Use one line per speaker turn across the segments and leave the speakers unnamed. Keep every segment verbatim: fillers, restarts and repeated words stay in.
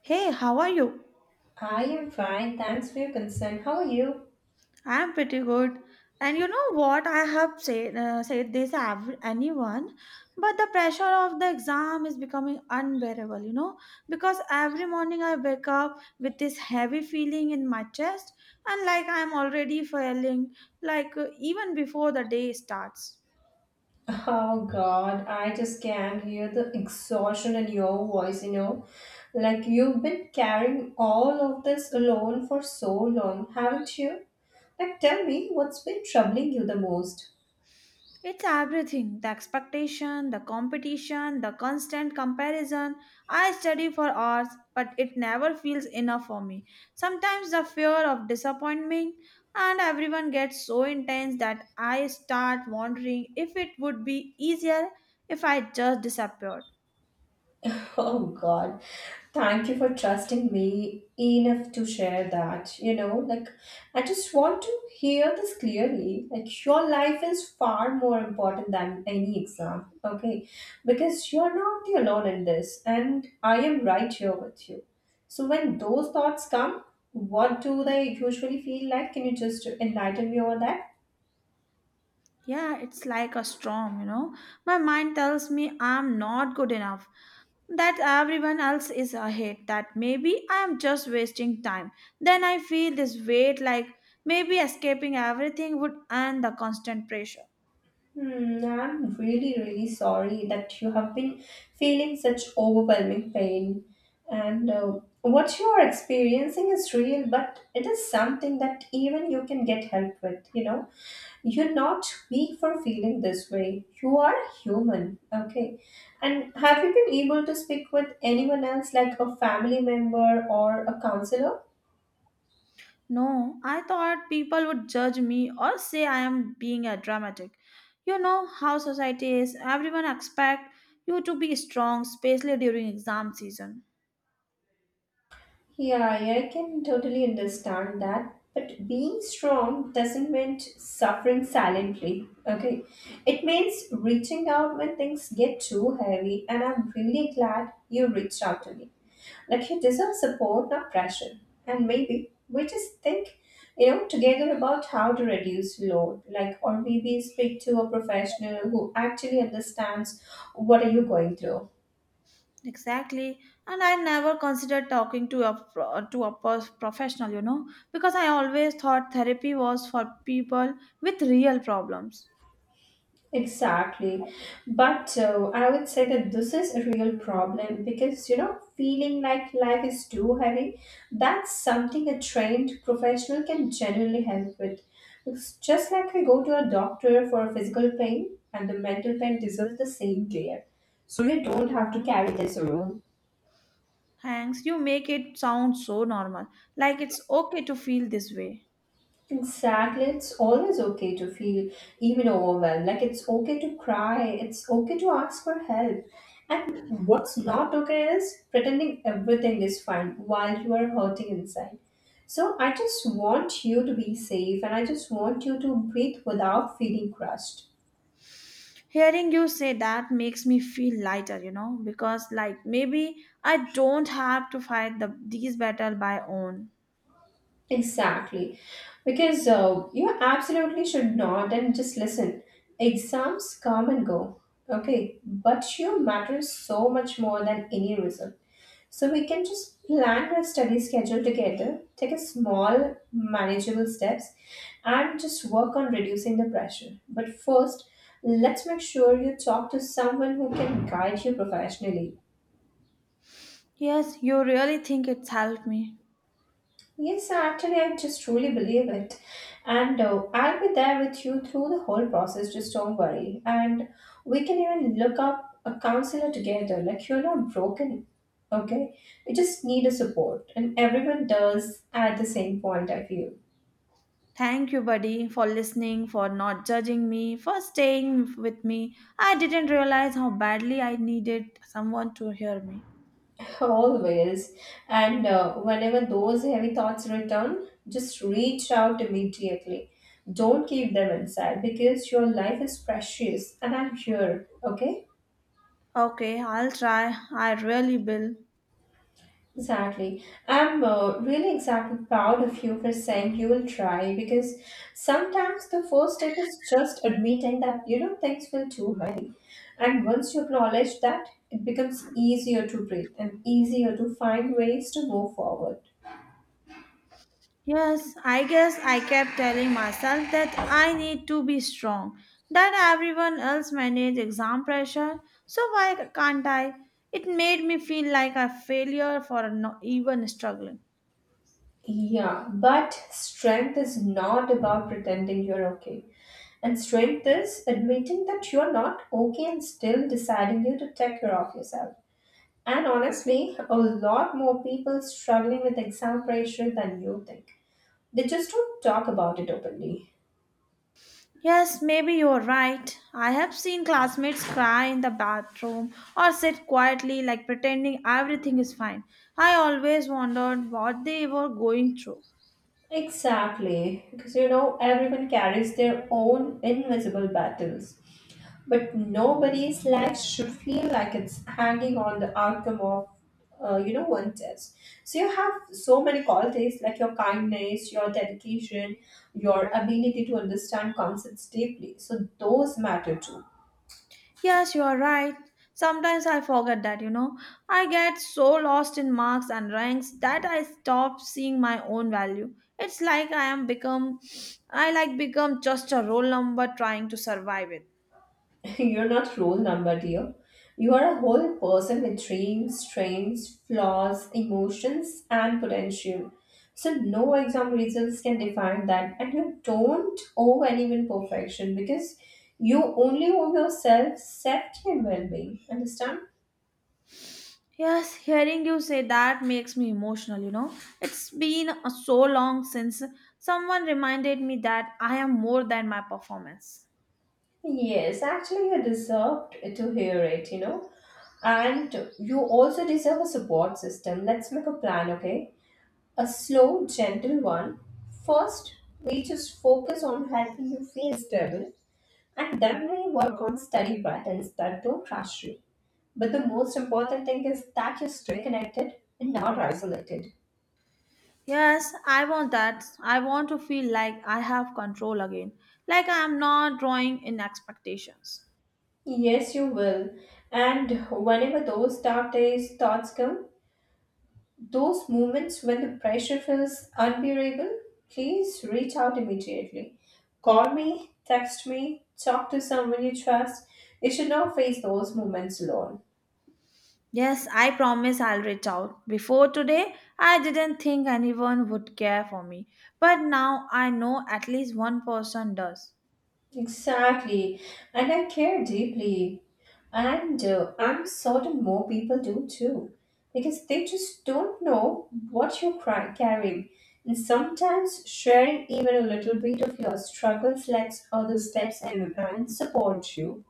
Hey, how are you?
I am fine. Thanks for your concern. How are you?
I'm pretty good. And you know what? I have said uh, said this to ev- anyone, but the pressure of the exam is becoming unbearable, you know, because every morning I wake up with this heavy feeling in my chest and like I'm already failing, like uh, even before the day starts.
Oh God, I just can't hear the exhaustion in your voice, you know. Like you've been carrying all of this alone for so long, haven't you? Like tell me, what's been troubling you the most?
It's everything the expectation, the competition, the constant comparison. I study for hours, but it never feels enough for me. Sometimes the fear of disappointment and everyone gets so intense that I start wondering if it would be easier if I just disappeared.
Oh God, thank you for trusting me enough to share that. You know, like I just want to hear this clearly. Like your life is far more important than any exam, okay? Because you're not the alone in this, and I am right here with you. So when those thoughts come, what do they usually feel like? Can you just enlighten me over that?
Yeah, it's like a storm, you know. My mind tells me I'm not good enough, that everyone else is ahead, that maybe I'm just wasting time. Then I feel this weight like maybe escaping everything would end the constant pressure.
Hmm, I'm really, really sorry that you have been feeling such overwhelming pain. And uh, what you are experiencing is real, but it is something that even you can get help with. You know, you're not weak for feeling this way. You are human, okay? And have you been able to speak with anyone else, like a family member or a counselor?
No, I thought people would judge me or say I am being a dramatic. You know how society is, everyone expect you to be strong, especially during exam season.
Yeah, I can totally understand that. But being strong doesn't mean suffering silently, okay? It means reaching out when things get too heavy, and I'm really glad you reached out to me. Like, you deserve support, not pressure. And maybe we just think, you know, together about how to reduce load, like, or maybe speak to a professional who actually understands what are you going through.
Exactly, and I never considered talking to a pro- to a pers- professional, you know, because I always thought therapy was for people with real problems.
Exactly. But uh, I would say that this is a real problem because, you know, feeling like life is too heavy, that's something a trained professional can genuinely help with. It's just like we go to a doctor for physical pain and the mental pain deserves the same care. So we don't have to carry this around.
Thanks, you make it sound so normal, like it's okay to feel this way.
Exactly. It's always okay to feel even overwhelmed. Like it's okay to cry. It's okay to ask for help. And what's not okay is pretending everything is fine while you are hurting inside. So I just want you to be safe and I just want you to breathe without feeling crushed.
Hearing you say that makes me feel lighter, you know, because like maybe I don't have to fight the these battle by own.
Exactly. Because uh, you absolutely should not. And just listen, exams come and go. Okay. But you matter so much more than any result. So we can just plan our study schedule together, take a small, manageable steps, and just work on reducing the pressure. But first, let's make sure you talk to someone who can guide you professionally.
Yes, you really think it's helped me.
Yes, actually, I just truly believe it. And uh, I'll be there with you through the whole process, just don't worry. And we can even look up a counselor together, like you're not broken, okay? You just need a support, and everyone does at the same point, I feel.
Thank you, buddy, for listening, for not judging me, for staying with me. I didn't realize how badly I needed someone to hear me.
Always. And uh, whenever those heavy thoughts return, just reach out immediately. Don't keep them inside because your life is precious and I'm here, okay?
Okay, I'll try. I really will.
Exactly. I'm uh, really exactly proud of you for saying you will try because sometimes the first step is just admitting that you know things feel too heavy. And once you acknowledge that, it becomes easier to breathe and easier to find ways to move forward.
Yes, I guess I kept telling myself that I need to be strong, that everyone else manage exam pressure, so why can't I? It made me feel like a failure for not even struggling.
Yeah, but strength is not about pretending you're okay. And strength is admitting that you're not okay and still deciding you to take care of yourself. And honestly, a lot more people struggling with exam pressure than you think. They just don't talk about it openly.
Yes, maybe you're right. I have seen classmates cry in the bathroom or sit quietly, like pretending everything is fine. I always wondered what they were going through.
Exactly, because you know, everyone carries their own invisible battles. But nobody's life should feel like it's hanging on the outcome of, uh, you know, one test. So you have so many qualities like your kindness, your dedication, your ability to understand concepts deeply. So those matter too.
Yes, you're right. Sometimes I forget that, you know. I get so lost in marks and ranks that I stop seeing my own value. It's like I am become I like become just a roll number trying to survive it.
You're not rule number, dear. You are a whole person with dreams, strengths, flaws, emotions, and potential. So no exam results can define that, and you don't owe anyone perfection because you only owe yourself safety and well-being. Understand?
Yes, hearing you say that makes me emotional, you know. It's been uh, so long since someone reminded me that I am more than my performance.
Yes, actually, you deserved to hear it, you know. And you also deserve a support system. Let's make a plan, okay? A slow, gentle one. First, we just focus on helping you feel stable, and then we work on study patterns that don't rush you. But the most important thing is that you stay connected and not isolated.
Yes, I want that. I want to feel like I have control again, like I am not drawing in expectations.
Yes, you will. And whenever those dark days, thoughts come, those moments when the pressure feels unbearable, please reach out immediately. Call me, text me, talk to someone you trust. You should not face those moments alone.
Yes, I promise I'll reach out. Before today, I didn't think anyone would care for me, but now I know at least one person does.
Exactly. And I care deeply. And uh, I'm certain more people do too. Because they just don't know what you're cry- carrying. And sometimes sharing even a little bit of your struggles lets others step in and support you.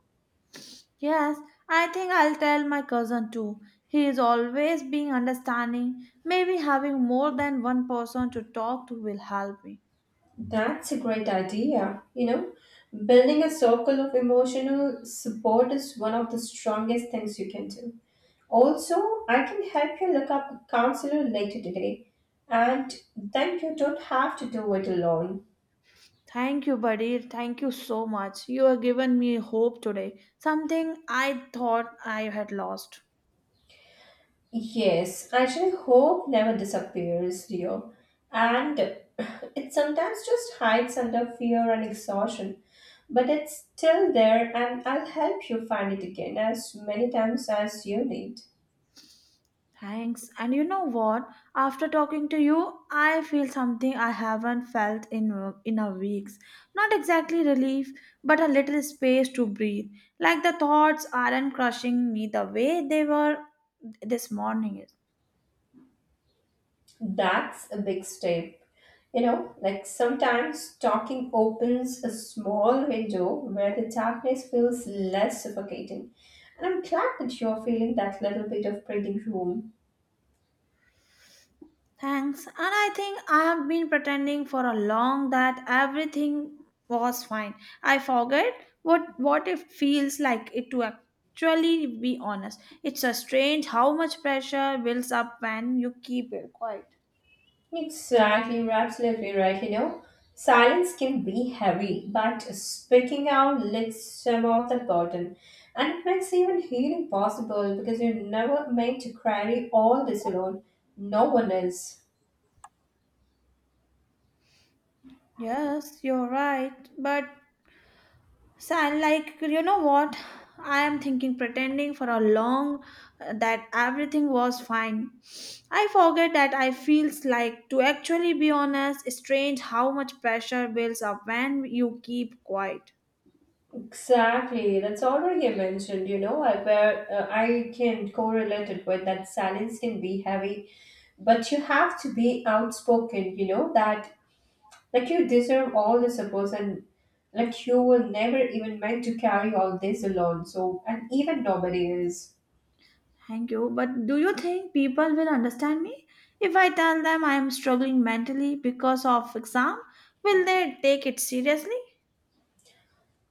Yes, I think I'll tell my cousin too. He is always being understanding. Maybe having more than one person to talk to will help me.
That's a great idea. You know, building a circle of emotional support is one of the strongest things you can do. Also, I can help you look up a counselor later today, and then you don't have to do it alone.
Thank you, buddy. Thank you so much. You have given me hope today, something I thought I had lost.
Yes, actually, hope never disappears, dear, and it sometimes just hides under fear and exhaustion, but it's still there, and I'll help you find it again as many times as you need.
Thanks. And you know what? After talking to you, I feel something I haven't felt in in a weeks. Not exactly relief, but a little space to breathe. Like the thoughts aren't crushing me the way they were this morning.
That's a big step. You know, like sometimes talking opens a small window where the darkness feels less suffocating. And I'm glad that you're feeling that little bit of breathing room.
Thanks. And I think I have been pretending for a long that everything was fine. I forget what what it feels like it to actually be honest. It's a strange how much pressure builds up when you keep it quiet.
Exactly, you're absolutely right, you know. Silence can be heavy, but speaking out lifts some of the burden. And it makes even healing possible because you're never meant to carry all this alone. No one is.
Yes, you're right. But so I like you know what I am thinking pretending for a long uh, that everything was fine. I forget that I feels like to actually be honest strange how much pressure builds up when you keep quiet.
Exactly, that's already I mentioned. You know, I where uh, I can correlate it with that silence can be heavy, but you have to be outspoken. You know that like you deserve all the support and like you were never even meant to carry all this alone. So and even nobody is.
Thank you. But do you think people will understand me if I tell them I am struggling mentally because of exam? Will they take it seriously?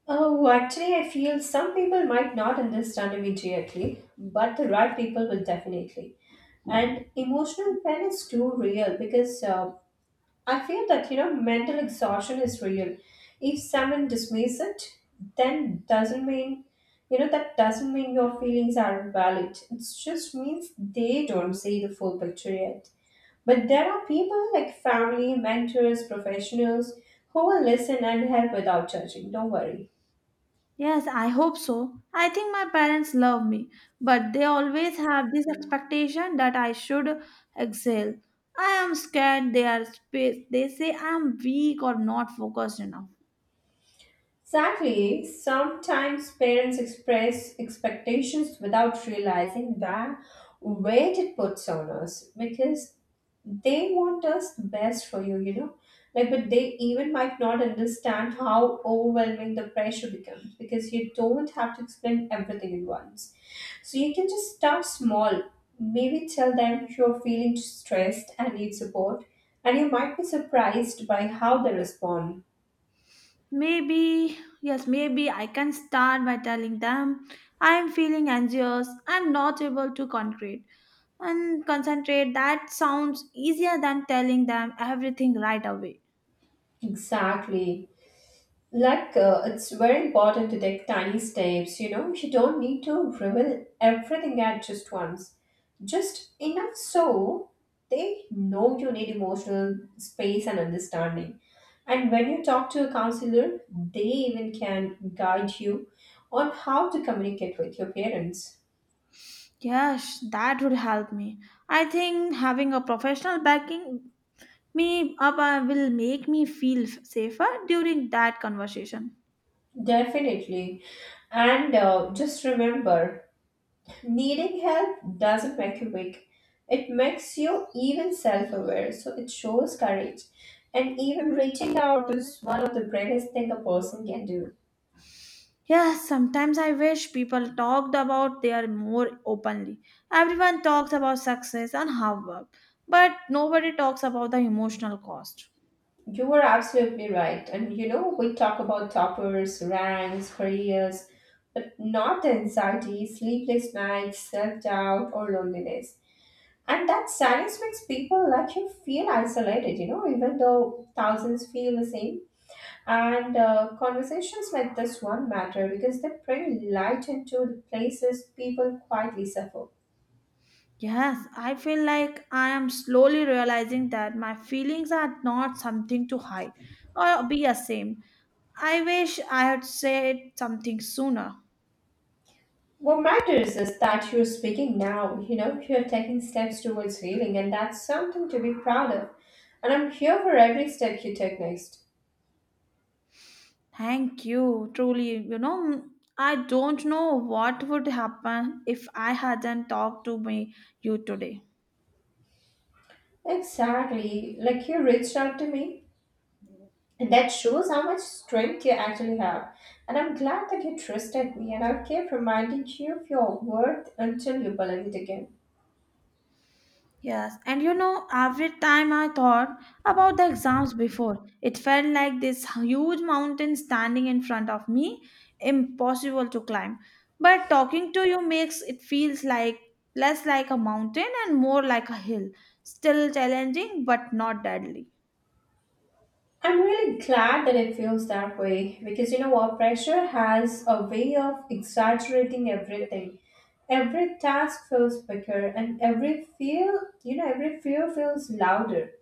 Oh, actually, I feel some people might not understand immediately, but the right people will definitely, and emotional pain is too real because uh, I feel that, you know, mental exhaustion is real. If someone dismisses it, then doesn't mean, you know, that doesn't mean your feelings are valid. It just means they don't see the full picture yet. But there are people like family, mentors, professionals who will listen and help without judging. Don't worry.
Yes, I hope so. I think my parents love me, but they always have this expectation that I should excel. I am scared they are sp- they say I am weak or not focused enough.
Exactly. Sometimes parents express expectations without realizing the weight it puts on us because they want us the best for you, you know. Like, but they even might not understand how overwhelming the pressure becomes because you don't have to explain everything at once. So you can just start small. Maybe tell them you're feeling stressed and need support, and you might be surprised by how they respond.
Maybe, yes, maybe I can start by telling them I am feeling anxious, I am not able to concentrate and concentrate. That sounds easier than telling them everything right away.
Exactly. Like uh, it's very important to take tiny steps. You know, you don't need to reveal everything at just once, just enough so they know you need emotional space and understanding. And when you talk to a counselor, they even can guide you on how to communicate with your parents.
Yes, that would help me. I think having a professional backing me up uh, will make me feel f- safer during that conversation.
Definitely. And uh, just remember, needing help doesn't make you weak. It makes you even self aware, so it shows courage. And even reaching out is one of the bravest things a person can do.
Yes, sometimes I wish people talked about their more openly. Everyone talks about success and hard work, but nobody talks about the emotional cost.
You were absolutely right. And you know, we talk about toppers, ranks, careers, but not the anxiety, sleepless nights, self doubt, or loneliness. And that silence makes people like you feel isolated, you know, even though thousands feel the same. And uh, conversations like this one matter because they bring light into the places people quietly suffer.
Yes, I feel like I am slowly realizing that my feelings are not something to hide or be ashamed. I wish I had said something sooner.
What matters is that you're speaking now, you know, you're taking steps towards healing, and that's something to be proud of. And I'm here for every step you take next.
Thank you. Truly, you know, I don't know what would happen if I hadn't talked to me you today.
Exactly, like you reached out to me, and that shows how much strength you actually have. And I'm glad that you trusted me, and I'll keep reminding you of your worth until you believe it again.
Yes, and you know, every time I thought about the exams before, it felt like this huge mountain standing in front of me, impossible to climb. But talking to you makes it feels like less like a mountain and more like a hill, still challenging but not deadly.
I'm really glad that it feels that way because you know what? Pressure has a way of exaggerating everything. Every task feels bigger and every fear, you know, every fear feels louder.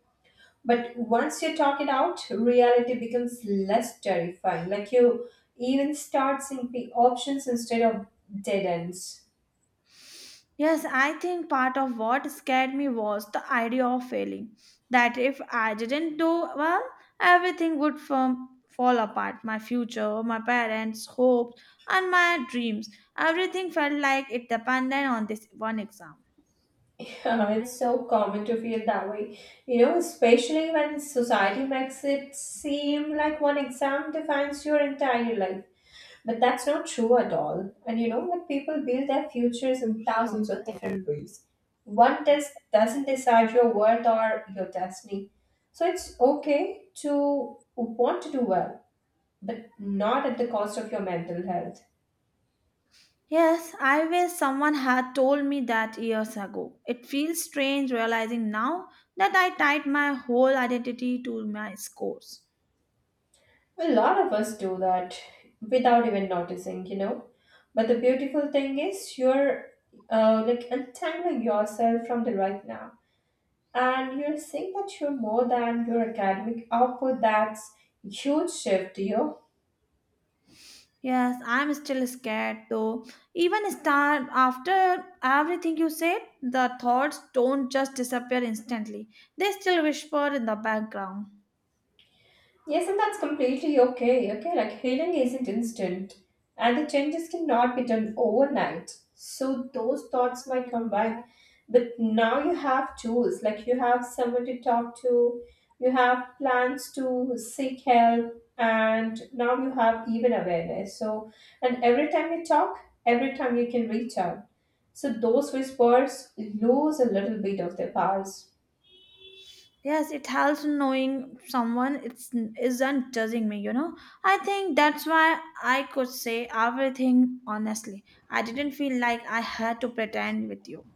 But once you talk it out, reality becomes less terrifying. Like you even start seeing the options instead of dead ends.
Yes, I think part of what scared me was the idea of failing. That if I didn't do well, everything would firm, fall apart. My future, my parents' hopes, and my dreams. Everything felt like it depended on this one exam.
Uh, it's so common to feel that way, you know, especially when society makes it seem like one exam defines your entire life. But that's not true at all. And you know, like people build their futures in thousands of different ways. One test doesn't decide your worth or your destiny. So it's okay to want to do well, but not at the cost of your mental health.
Yes, I wish someone had told me that years ago. It feels strange realizing now that I tied my whole identity to my scores.
Well, a lot of us do that without even noticing, you know. But the beautiful thing is, you're uh, like untangling yourself from the right now, and you're seeing that you're more than your academic output. That's huge shift, you know.
Yes, I'm still scared though. Even start after everything you said, the thoughts don't just disappear instantly. They still whisper in the background.
Yes, and that's completely okay. Okay, like healing isn't instant, and the changes cannot be done overnight. So those thoughts might come back, but now you have tools. Like you have someone to talk to, you have plans to seek help, and now you have even awareness. So, and every time you talk, every time you can reach out. So those whispers lose a little bit of their powers.
Yes, it helps knowing someone it's, isn't judging me, you know. I think that's why I could say everything honestly. I didn't feel like I had to pretend with you.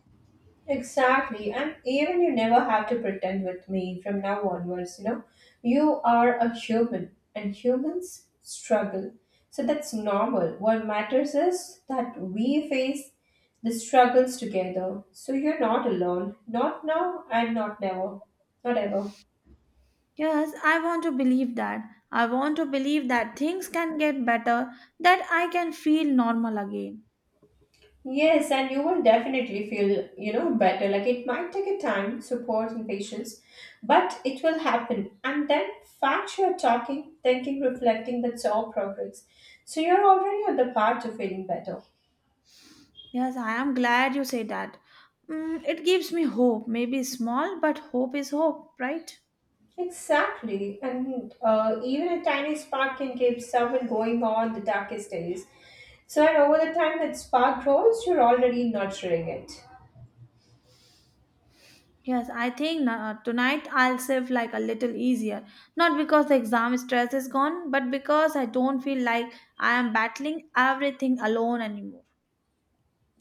Exactly. And even you never have to pretend with me from now onwards, you know. You are a human and humans struggle. So that's normal. What matters is that we face the struggles together. So you're not alone. Not now and not never. Not ever.
Yes, I want to believe that. I want to believe that things can get better, that I can feel normal again.
Yes, and you will definitely feel, you know, better. Like it might take a time, support and patience, but it will happen. And then fact you're talking, thinking, reflecting, that's all progress. So you're already on the path to feeling better.
Yes, I am glad you say that. Mm, it gives me hope. Maybe small, but hope is hope, right?
Exactly. And uh, even a tiny spark can keep someone going on the darkest days. So and over the time that spark grows, you're already nurturing it.
Yes, I think uh, tonight I'll save like a little easier. Not because the exam stress is gone, but because I don't feel like I am battling everything alone anymore.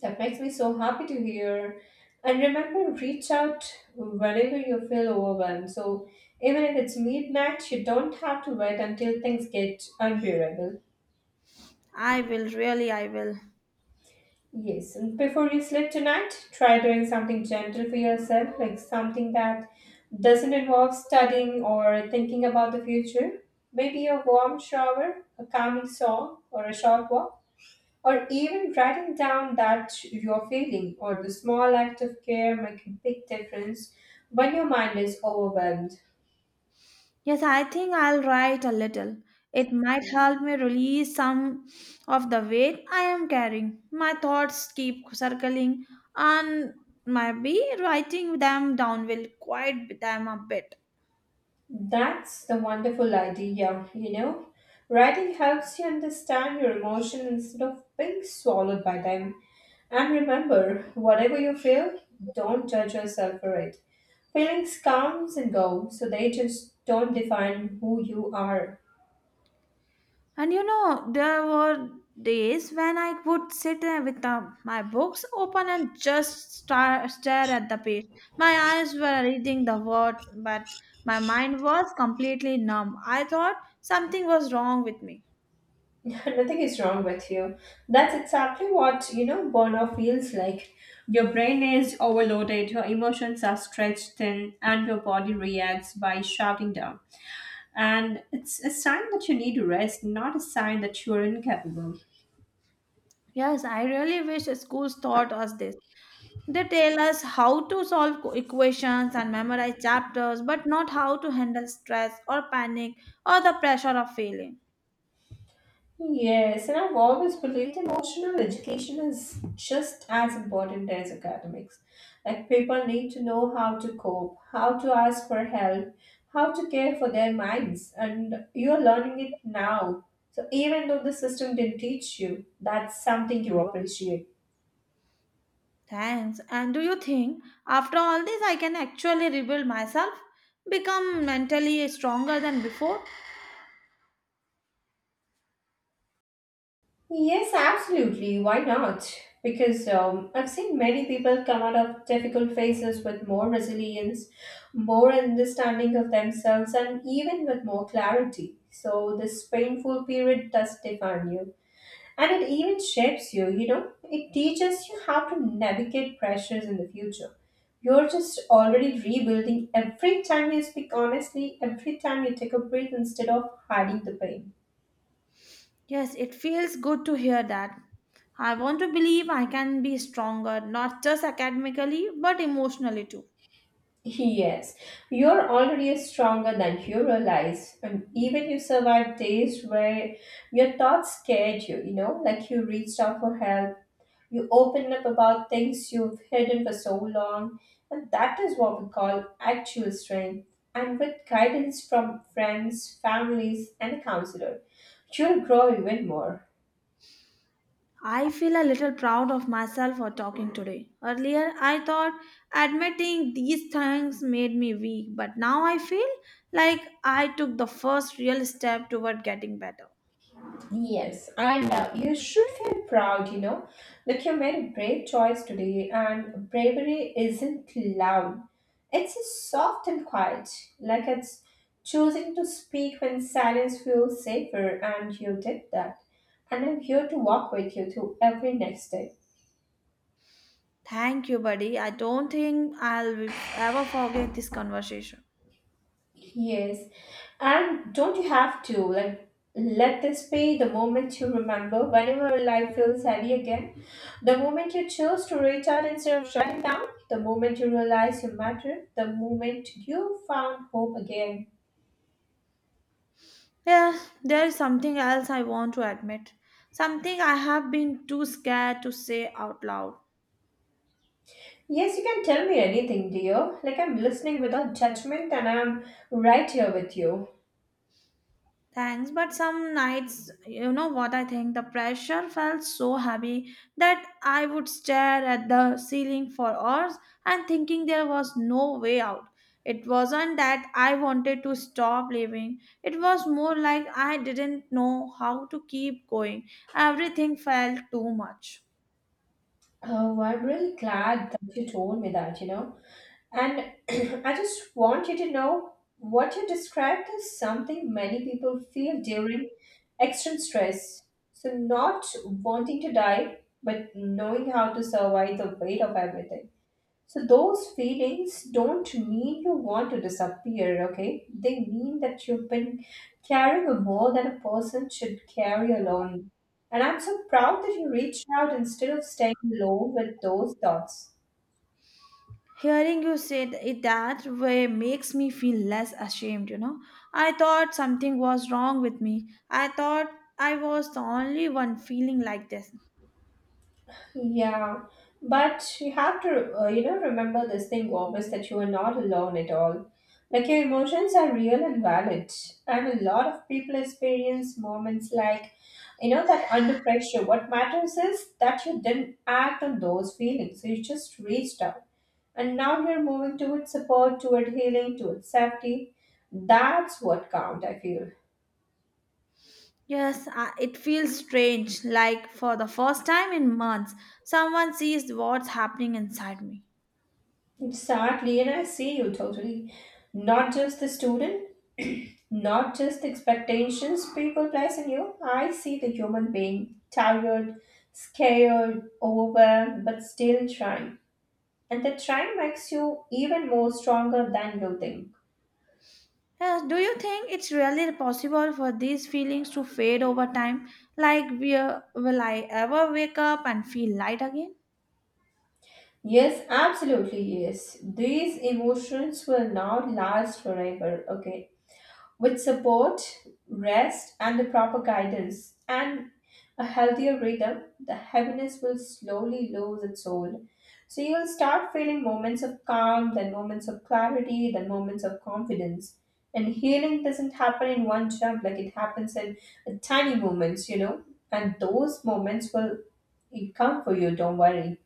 That makes me so happy to hear. And remember, reach out whenever you feel overwhelmed. So, even if it's midnight, you don't have to wait until things get unbearable.
I will, really, I will.
Yes, and before you sleep tonight, try doing something gentle for yourself, like something that doesn't involve studying or thinking about the future. Maybe a warm shower, a calming song, or a short walk. Or even writing down that you're feeling or the small act of care make a big difference when your mind is overwhelmed.
Yes, I think I'll write a little. It might help me release some of the weight I am carrying. My thoughts keep circling, and maybe writing them down will quiet them a bit.
That's the wonderful idea, you know. Writing helps you understand your emotion instead of being swallowed by them. And remember, whatever you feel, don't judge yourself for it. Feelings comes and go, so they just don't define who you are.
And you know, there were days when I would sit uh, with uh, my books open and just star- stare at the page. My eyes were reading the words, but my mind was completely numb. I thought something was wrong with me.
Nothing is wrong with you. That's exactly what, you know, burnout feels like. Your brain is overloaded, your emotions are stretched thin, and your body reacts by shutting down. And it's a sign that you need rest, not a sign that you're incapable.
Yes, I really wish schools taught us this. They tell us how to solve co- equations and memorize chapters, but not how to handle stress or panic or the pressure of failing.
Yes, and I've always believed emotional education is just as important as academics. Like people need to know how to cope, how to ask for help, how to care for their minds, and you're learning it now. So even though the system didn't teach you, that's something you appreciate.
Thanks. And do you think after all this I can actually rebuild myself? Become mentally stronger than before?
Yes, absolutely. Why not? Because um, I've seen many people come out of difficult phases with more resilience, more understanding of themselves, and even with more clarity. So, this painful period does define you and it even shapes you. You know, it teaches you how to navigate pressures in the future. You're just already rebuilding every time you speak honestly, every time you take a breath instead of hiding the pain.
Yes, it feels good to hear that. I want to believe I can be stronger, not just academically, but emotionally too.
Yes, you're already stronger than you realize, and even you survived days where your thoughts scared you, you know, like you reached out for help, you opened up about things you've hidden for so long, and that is what we call actual strength. And with guidance from friends, families, and a counselor, you'll grow even more.
I feel a little proud of myself for talking today. Earlier, I thought admitting these things made me weak, but now I feel like I took the first real step toward getting better.
Yes, and uh, you should feel proud, you know, that you made a brave choice today, and bravery isn't loud. It's just soft and quiet, like it's choosing to speak when silence feels safer, and you did that. And I'm here to walk with you through every next step.
Thank you, buddy. I don't think I'll ever forget this conversation.
Yes. And don't you have to like let this be the moment you remember whenever life feels heavy again? The moment you choose to reach out instead of shutting down, the moment you realize you matter, the moment you found hope again.
Yeah, there is something else I want to admit. Something I have been too scared to say out loud.
Yes, you can tell me anything, dear. Like I'm listening without judgment and I'm right here with you.
Thanks, but some nights, you know what I think? The pressure felt so heavy that I would stare at the ceiling for hours and thinking there was no way out. It wasn't that I wanted to stop living, it was more like I didn't know how to keep going. Everything felt too much.
Oh, I'm really glad that you told me that, you know. And I just want you to know what you described is something many people feel during extreme stress. So, not wanting to die, but knowing how to survive the weight of everything. So, those feelings don't mean you want to disappear, okay? They mean that you've been carrying a more than a person should carry alone. And I'm so proud that you reached out instead of staying low with those thoughts.
Hearing you say th- it that way makes me feel less ashamed, you know. I thought something was wrong with me. I thought I was the only one feeling like this.
Yeah, but you have to, uh, you know, remember this thing, always that you are not alone at all. Like your emotions are real and valid, and a lot of people experience moments like, you know, that under pressure. What matters is that you didn't act on those feelings, you just reached out, and now you're moving towards support, toward healing, towards safety. That's what count, I feel.
Yes, I, it feels strange, like for the first time in months, someone sees what's happening inside me.
Exactly, and I see you totally. Not just the student, not just the expectations people place on you. I see the human being tired, scared, overwhelmed, but still trying. And the trying makes you even more stronger than you think.
Yes, do you think it's really possible for these feelings to fade over time? Like, will will I ever wake up and feel light again?
Yes, absolutely, yes. These emotions will not last forever, okay? With support, rest, and the proper guidance and a healthier rhythm, the heaviness will slowly lose its hold. So you will start feeling moments of calm, then moments of clarity, then moments of confidence. And healing doesn't happen in one jump, like it happens in uh, tiny moments, you know. And those moments will come for you, don't worry.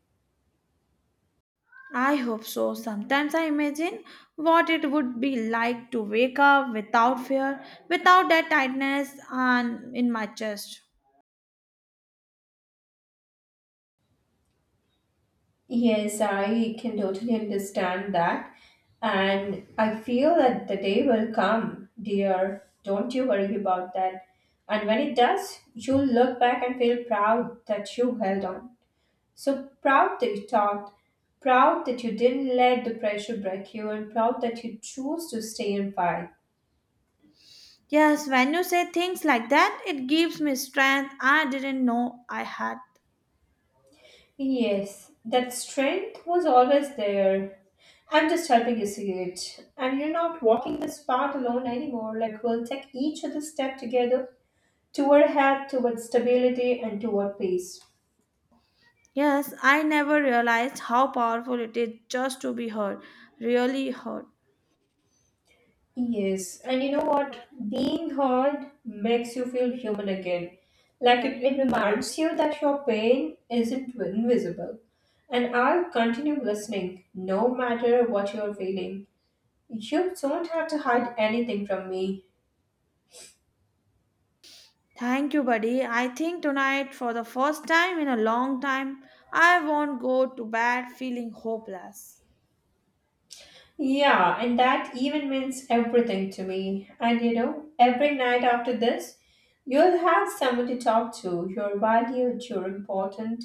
I hope so. Sometimes I imagine what it would be like to wake up without fear, without that tightness and in my chest.
Yes, I can totally understand that. And I feel that the day will come, dear. Don't you worry about that. And when it does, you'll look back and feel proud that you held on. So proud that you talked, proud that you didn't let the pressure break you, and proud that you chose to stay and fight.
Yes, when you say things like that, it gives me strength I didn't know I had.
Yes, that strength was always there. I'm just helping you see it. And you're not walking this path alone anymore. Like, we'll take each other's step together toward health, toward stability, and toward peace.
Yes, I never realized how powerful it is just to be heard, really heard.
Yes, and you know what? Being hard makes you feel human again. Like, it, it reminds you that your pain isn't invisible. And I'll continue listening no matter what you're feeling. You don't have to hide anything from me.
Thank you, buddy. I think tonight, for the first time in a long time, I won't go to bed feeling hopeless.
Yeah, and that even means everything to me. And you know, every night after this, you'll have someone to talk to. You're valued, you're important,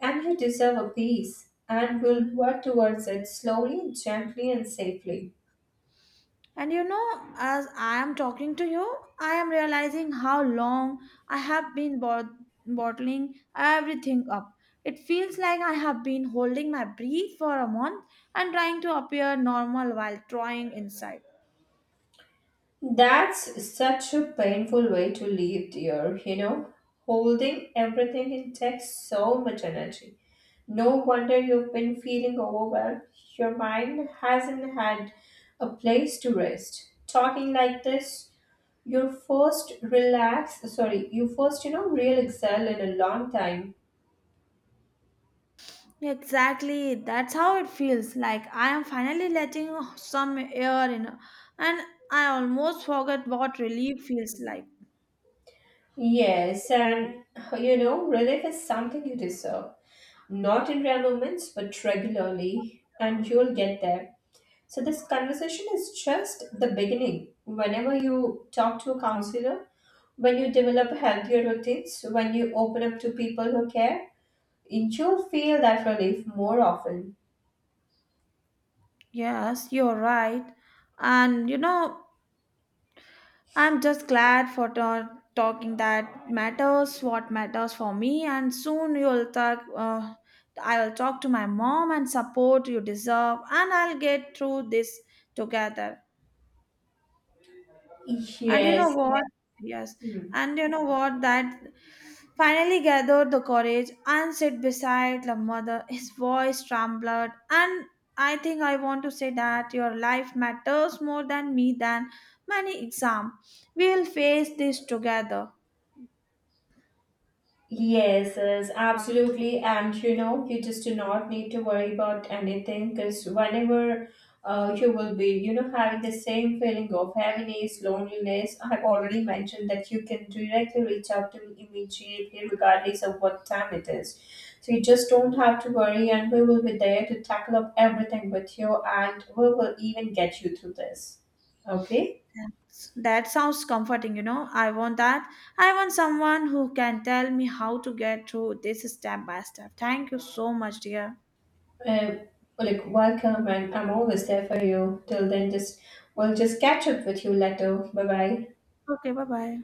and you deserve a peace. And we'll work towards it slowly, gently, and safely.
And you know, as I am talking to you, I am realizing how long I have been bot- bottling everything up. It feels like I have been holding my breath for a month and trying to appear normal while trying inside.
That's such a painful way to live, dear, you know, holding everything in takes so much energy. No wonder you've been feeling overwhelmed. Your mind hasn't had a place to rest. Talking like this, you first relax, sorry, you first, you know, real excel in a long time.
Exactly, that's how it feels like I am finally letting some air in, and I almost forget what relief feels like.
Yes, and you know, relief is something you deserve. Not in rare moments, but regularly, and you'll get there. So this conversation is just the beginning. Whenever you talk to a counselor, when you develop healthier routines, when you open up to people who care, you'll feel that relief more often.
Yes, you're right. And you know, I'm just glad for ta- talking that matters, what matters for me, and soon you'll talk. Uh, I'll talk to my mom and support you deserve, and I'll get through this together. And you
Yes.
know what? Yes,
Hmm.
and you know what? That finally gathered the courage and sit beside the mother. His voice trembled, and I think I want to say that your life matters more than me than many exam. We'll face this together.
Yes, yes, absolutely. And you know, you just do not need to worry about anything because whenever uh, you will be, you know, having the same feeling of heaviness, loneliness, I've already mentioned that you can directly reach out to me immediately, regardless of what time it is. So you just don't have to worry, and we will be there to tackle up everything with you, and we will even get you through this. Okay?
That's- That sounds comforting, you know. I want that. I want someone who can tell me how to get through this step by step. Thank you so much, dear.
Um, like welcome, and I'm always there for you. Till then, just we'll just catch up with you later. Bye bye.
Okay, bye bye.